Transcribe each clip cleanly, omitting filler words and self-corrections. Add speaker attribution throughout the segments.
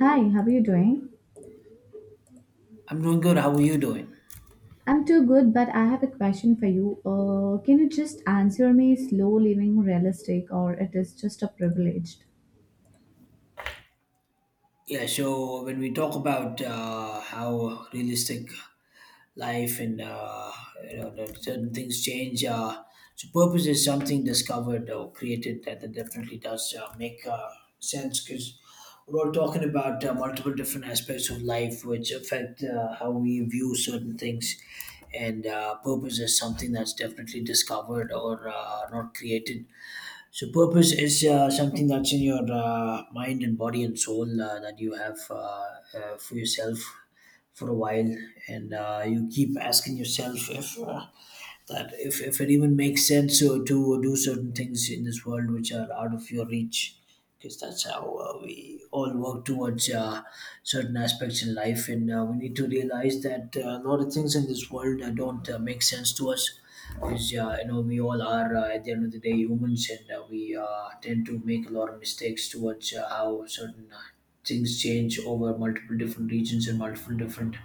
Speaker 1: Hi, how are you doing?
Speaker 2: I'm doing good. How are you doing?
Speaker 1: I'm too good, but I have a question for you. Can you just answer me, is slow living realistic or it is just a privileged?
Speaker 2: Yeah, so when we talk about how realistic life and the certain things change, so purpose is something discovered or created that definitely does make sense because we're all talking about multiple different aspects of life which affect how we view certain things. And purpose is something that's definitely discovered or not created. So purpose is something that's in your mind and body and soul that you have for yourself for a while, and you keep asking yourself if that if it even makes sense to do certain things in this world which are out of your reach because that's how we all work towards certain aspects in life, and we need to realize that a lot of things in this world don't make sense to us because we all are at the end of the day humans, and we tend to make a lot of mistakes towards how certain things change over multiple different regions and multiple different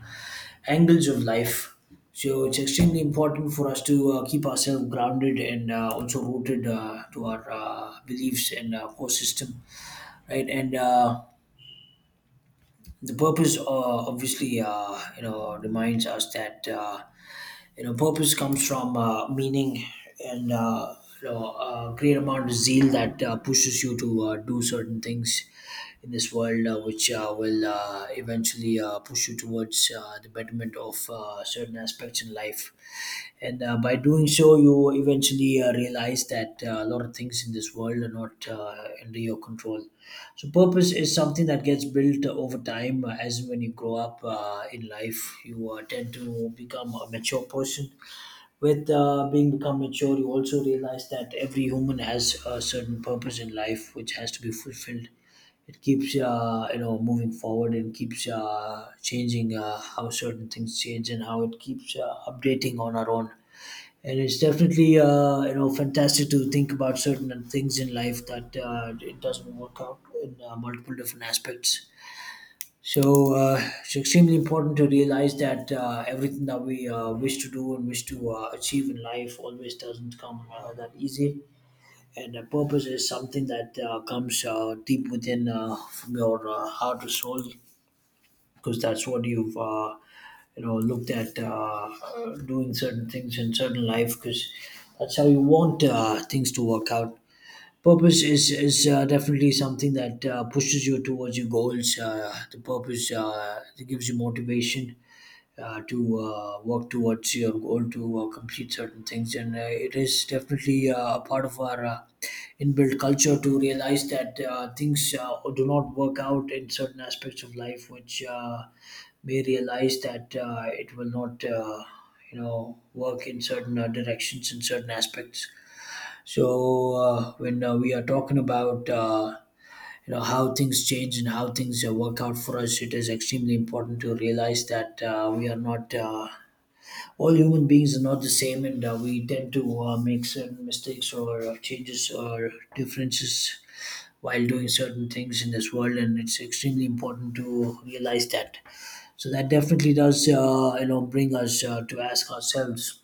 Speaker 2: angles of life. So it's extremely important for us to keep ourselves grounded and also rooted to our beliefs and core system, right? And the purpose, obviously, reminds us that purpose comes from meaning and a great amount of zeal that pushes you to do certain things in this world, which will eventually push you towards the betterment of certain aspects in life. And by doing so, you eventually realize that a lot of things in this world are not under your control. So, purpose is something that gets built over time as when you grow up in life, you tend to become a mature person. With being become mature, you also realize that every human has a certain purpose in life which has to be fulfilled. It keeps moving forward and keeps changing how certain things change and how it keeps updating on our own. And it's definitely fantastic to think about certain things in life that it doesn't work out in multiple different aspects. So it's extremely important to realize that everything that we wish to do and wish to achieve in life always doesn't come that easy, and the purpose is something that comes deep within from your heart or soul because that's what you've looked at doing certain things in certain life because that's how you want things to work out. Purpose is definitely something that pushes you towards your goals. The purpose that gives you motivation to work towards your goal, to complete certain things. And it is definitely a part of our inbuilt culture to realize that things do not work out in certain aspects of life, which may realize that it will not, work in certain directions in certain aspects. So when we are talking about how things change and how things work out for us, it is extremely important to realize that we are not all human beings are not the same, and we tend to make certain mistakes or changes or differences while doing certain things in this world, and it's extremely important to realize that. So that definitely does bring us to ask ourselves,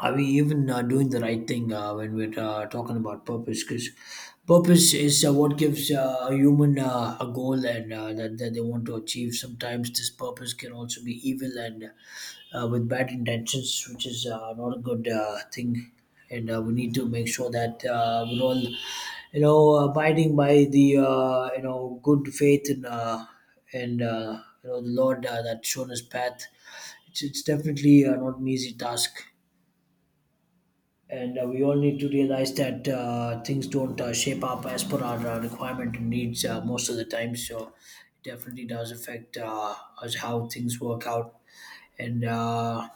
Speaker 2: are we even doing the right thing when we're talking about purpose? Because purpose is what gives a human a goal, and that they want to achieve. Sometimes this purpose can also be evil and with bad intentions, which is not a good thing. And we need to make sure that we're all abiding by the good faith, and the Lord that shown us path. It's definitely not an easy task, and we all need to realize that things don't shape up as per our requirement and needs most of the time. So it definitely does affect us how things work out, and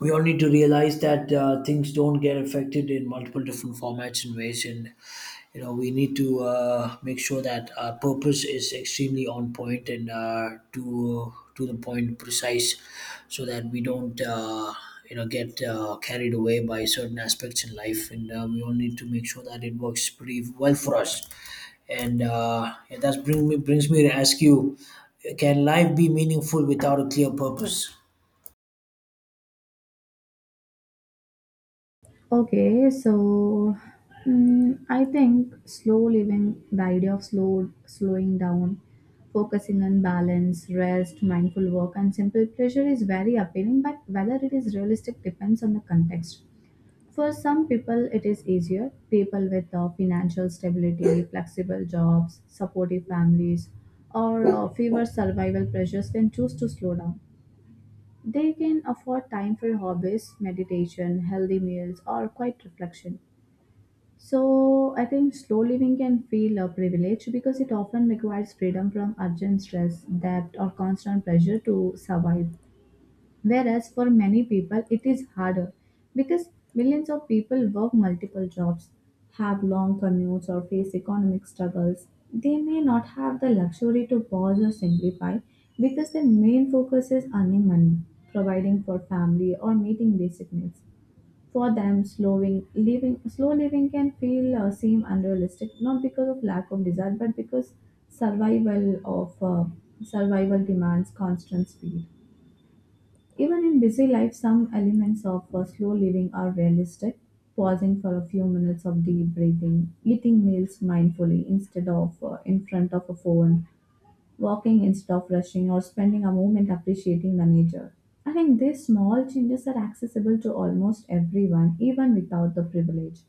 Speaker 2: we all need to realize that things don't get affected in multiple different formats and ways, and we need to make sure that our purpose is extremely on point and to the point precise so that we don't get carried away by certain aspects in life, and we all need to make sure that it works pretty well for us. And that brings me to ask you, can life be meaningful without a clear purpose?
Speaker 1: Okay, so I think slow living, the idea of slowing down, focusing on balance, rest, mindful work, and simple pleasure is very appealing, but whether it is realistic depends on the context. For some people, it is easier. People with financial stability, flexible jobs, supportive families, or fewer survival pressures can choose to slow down. They can afford time for hobbies, meditation, healthy meals, or quiet reflection. So, I think slow living can feel a privilege because it often requires freedom from urgent stress, debt, or constant pressure to survive. Whereas for many people, it is harder because millions of people work multiple jobs, have long commutes, or face economic struggles. They may not have the luxury to pause or simplify because their main focus is earning money, providing for family, or meeting basic needs. For them, slow living can feel or seem unrealistic, not because of lack of desire, but because survival of uh, survival demands constant speed. Even in busy life, some elements of slow living are realistic. Pausing for a few minutes of deep breathing, eating meals mindfully instead of in front of a phone, walking instead of rushing, or spending a moment appreciating the nature. I think these small changes are accessible to almost everyone, even without the privilege.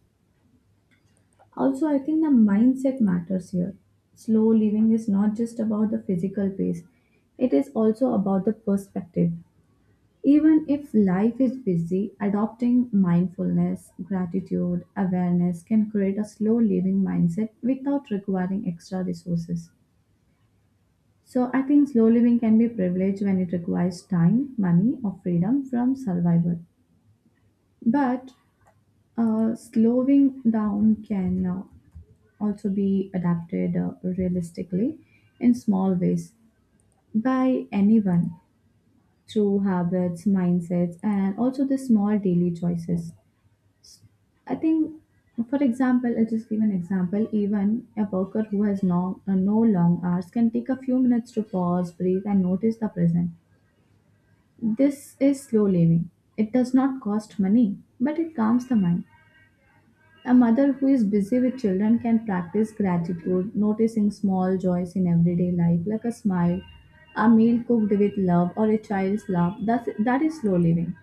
Speaker 1: Also, I think the mindset matters here. Slow living is not just about the physical pace, it is also about the perspective. Even if life is busy, adopting mindfulness, gratitude, awareness can create a slow living mindset without requiring extra resources. So, I think slow living can be privileged when it requires time, money, or freedom from survival. But slowing down can also be adapted realistically in small ways by anyone through habits, mindsets, and also the small daily choices. I think, for example, I just give an example. Even a worker who has no long hours can take a few minutes to pause, breathe, and notice the present. This is slow living. It does not cost money, but it calms the mind. A mother who is busy with children can practice gratitude, noticing small joys in everyday life, like a smile, a meal cooked with love, or a child's laugh. That is slow living.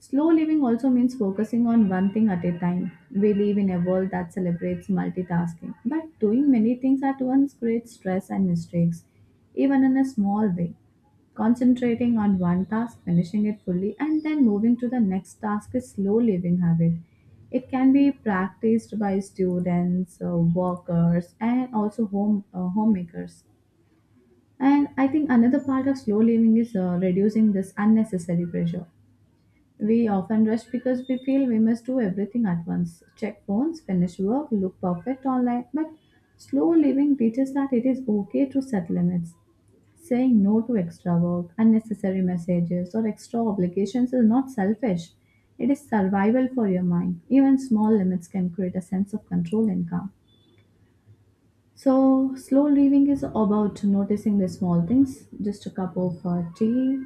Speaker 1: Slow living also means focusing on one thing at a time. We live in a world that celebrates multitasking, but doing many things at once creates stress and mistakes, even in a small way. Concentrating on one task, finishing it fully, and then moving to the next task is slow living habit. It can be practiced by students, workers, and also homemakers. And I think another part of slow living is reducing this unnecessary pressure. We often rush because we feel we must do everything at once, check phones, finish work, look perfect online. But slow living teaches that it is okay to set limits. Saying no to extra work, unnecessary messages, or extra obligations is not selfish. It is survival for your mind. Even small limits can create a sense of control and calm. So, slow living is about noticing the small things, just a cup of tea,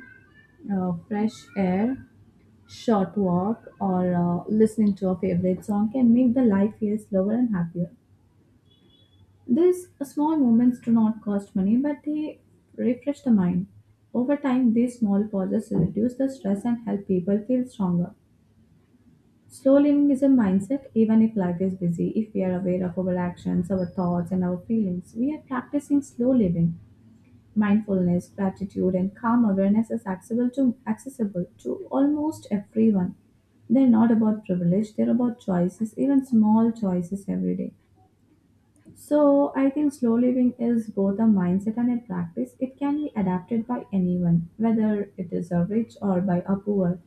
Speaker 1: fresh air, short walk, or listening to a favorite song can make the life feel slower and happier. These small moments do not cost money, but they refresh the mind. Over time, these small pauses reduce the stress and help people feel stronger. Slow living is a mindset, even if life is busy. If we are aware of our actions, our thoughts, and our feelings, we are practicing slow living. Mindfulness, gratitude, and calm awareness is accessible to almost everyone. They're not about privilege, they're about choices, even small choices every day. So, I think slow living is both a mindset and a practice. It can be adapted by anyone, whether it is a rich or by a poor,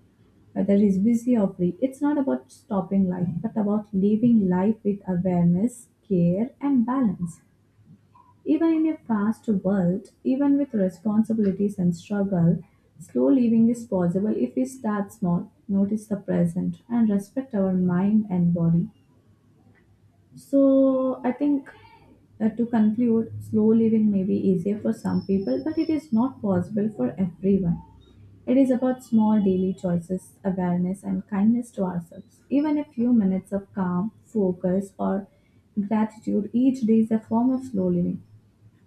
Speaker 1: whether he's busy or free. It's not about stopping life, but about living life with awareness, care, and balance. Even in a fast world, even with responsibilities and struggle, slow living is possible if we start small, notice the present, and respect our mind and body. So, I think to conclude, slow living may be easier for some people, but it is not possible for everyone. It is about small daily choices, awareness, and kindness to ourselves. Even a few minutes of calm, focus, or gratitude each day is a form of slow living.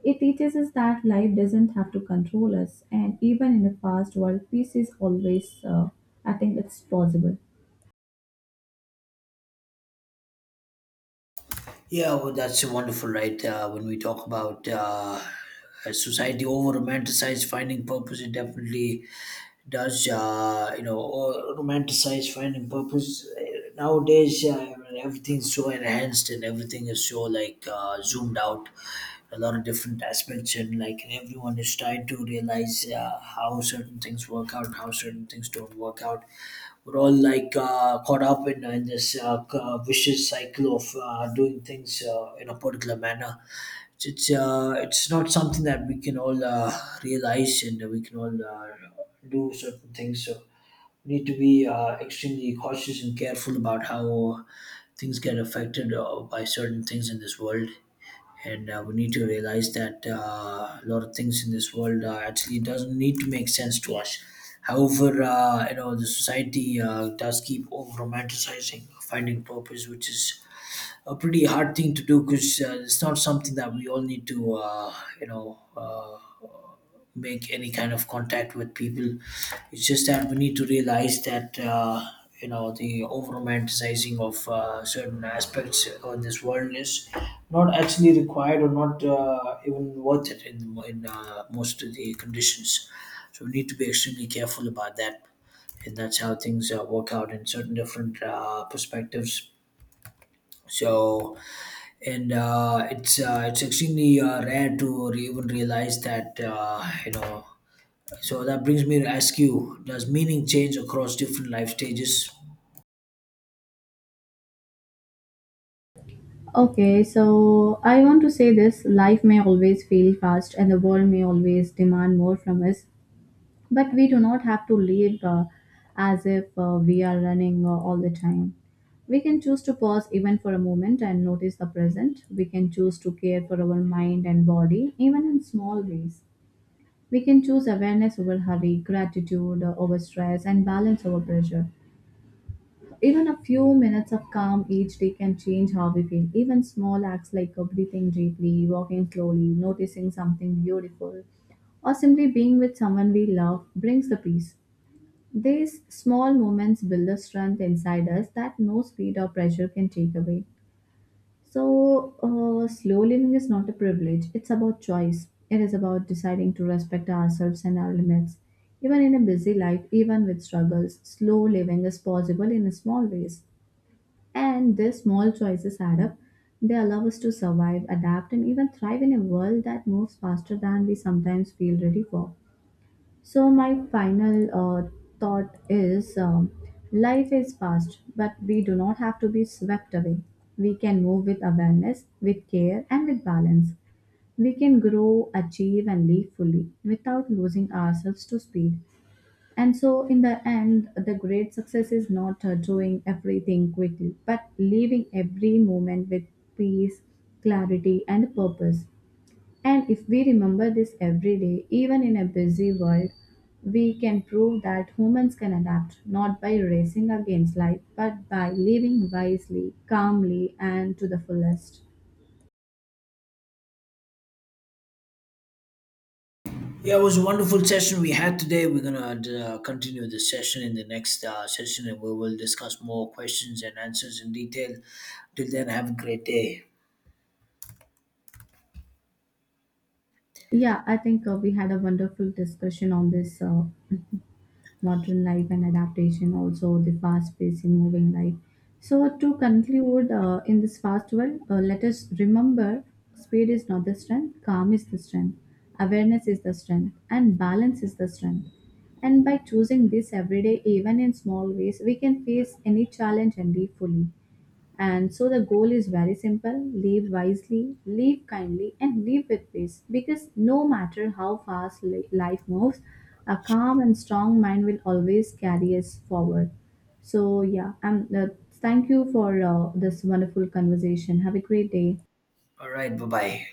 Speaker 1: It teaches us that life doesn't have to control us, and even in a fast world, peace is always, I think it's possible.
Speaker 2: Yeah, well, that's wonderful, right? When we talk about a society over romanticize finding purpose, it definitely does, or romanticize finding purpose. Nowadays, everything's so enhanced and everything is so like zoomed out, a lot of different aspects, and like everyone is trying to realize how certain things work out, how certain things don't work out. We're all like caught up in this vicious cycle of doing things in a particular manner. It's not something that we can all realize, and we can all do certain things. So we need to be extremely cautious and careful about how things get affected by certain things in this world, and we need to realize that a lot of things in this world actually doesn't need to make sense to us. However, the society does keep over romanticizing finding purpose, which is a pretty hard thing to do because it's not something that we all need to you know uh, make any kind of contact with people. It's just that we need to realize that the over romanticizing of certain aspects of this world is not actually required or not even worth it in most of the conditions. So we need to be extremely careful about that, and that's how things work out in certain different perspectives. So, and it's extremely rare to even realize that. So that brings me to ask you: does meaning change across different life stages?
Speaker 1: Okay, so I want to say this life may always feel fast and the world may always demand more from us, but we do not have to live as if we are running all the time. We can choose to pause even for a moment and notice the present. We can choose to care for our mind and body, even in small ways. We can choose awareness over hurry, gratitude over stress, and balance over pressure. Even a few minutes of calm each day can change how we feel. Even small acts like breathing deeply, walking slowly, noticing something beautiful, or simply being with someone we love brings the peace. These small moments build a strength inside us that no speed or pressure can take away. So, slow living is not a privilege, it's about choice. It is about deciding to respect ourselves and our limits. Even in a busy life, even with struggles, slow living is possible in small ways. And these small choices add up. They allow us to survive, adapt, and even thrive in a world that moves faster than we sometimes feel ready for. So, my final uh, thought is life is fast, but we do not have to be swept away. We can move with awareness, with care, and with balance. We can grow, achieve, and live fully without losing ourselves to speed. And so, in the end, the great success is not doing everything quickly, but leaving every moment with peace, clarity, and purpose. And if we remember this every day, even in a busy world, we can prove that humans can adapt not by racing against life, but by living wisely, calmly, and to the fullest.
Speaker 2: Yeah, it was a wonderful session we had today. We're gonna continue the session in the next session, and we will discuss more questions and answers in detail. Till then, have a great day.
Speaker 1: Yeah, I think we had a wonderful discussion on this modern life and adaptation, also the fast paced and moving life. So, to conclude, in this fast world, let us remember speed is not the strength, calm is the strength, awareness is the strength, and balance is the strength. And by choosing this every day, even in small ways, we can face any challenge and live fully. And so the goal is very simple, live wisely, live kindly, and live with peace. Because no matter how fast life moves, a calm and strong mind will always carry us forward. So, yeah, and thank you for this wonderful conversation. Have a great day.
Speaker 2: All right, bye bye.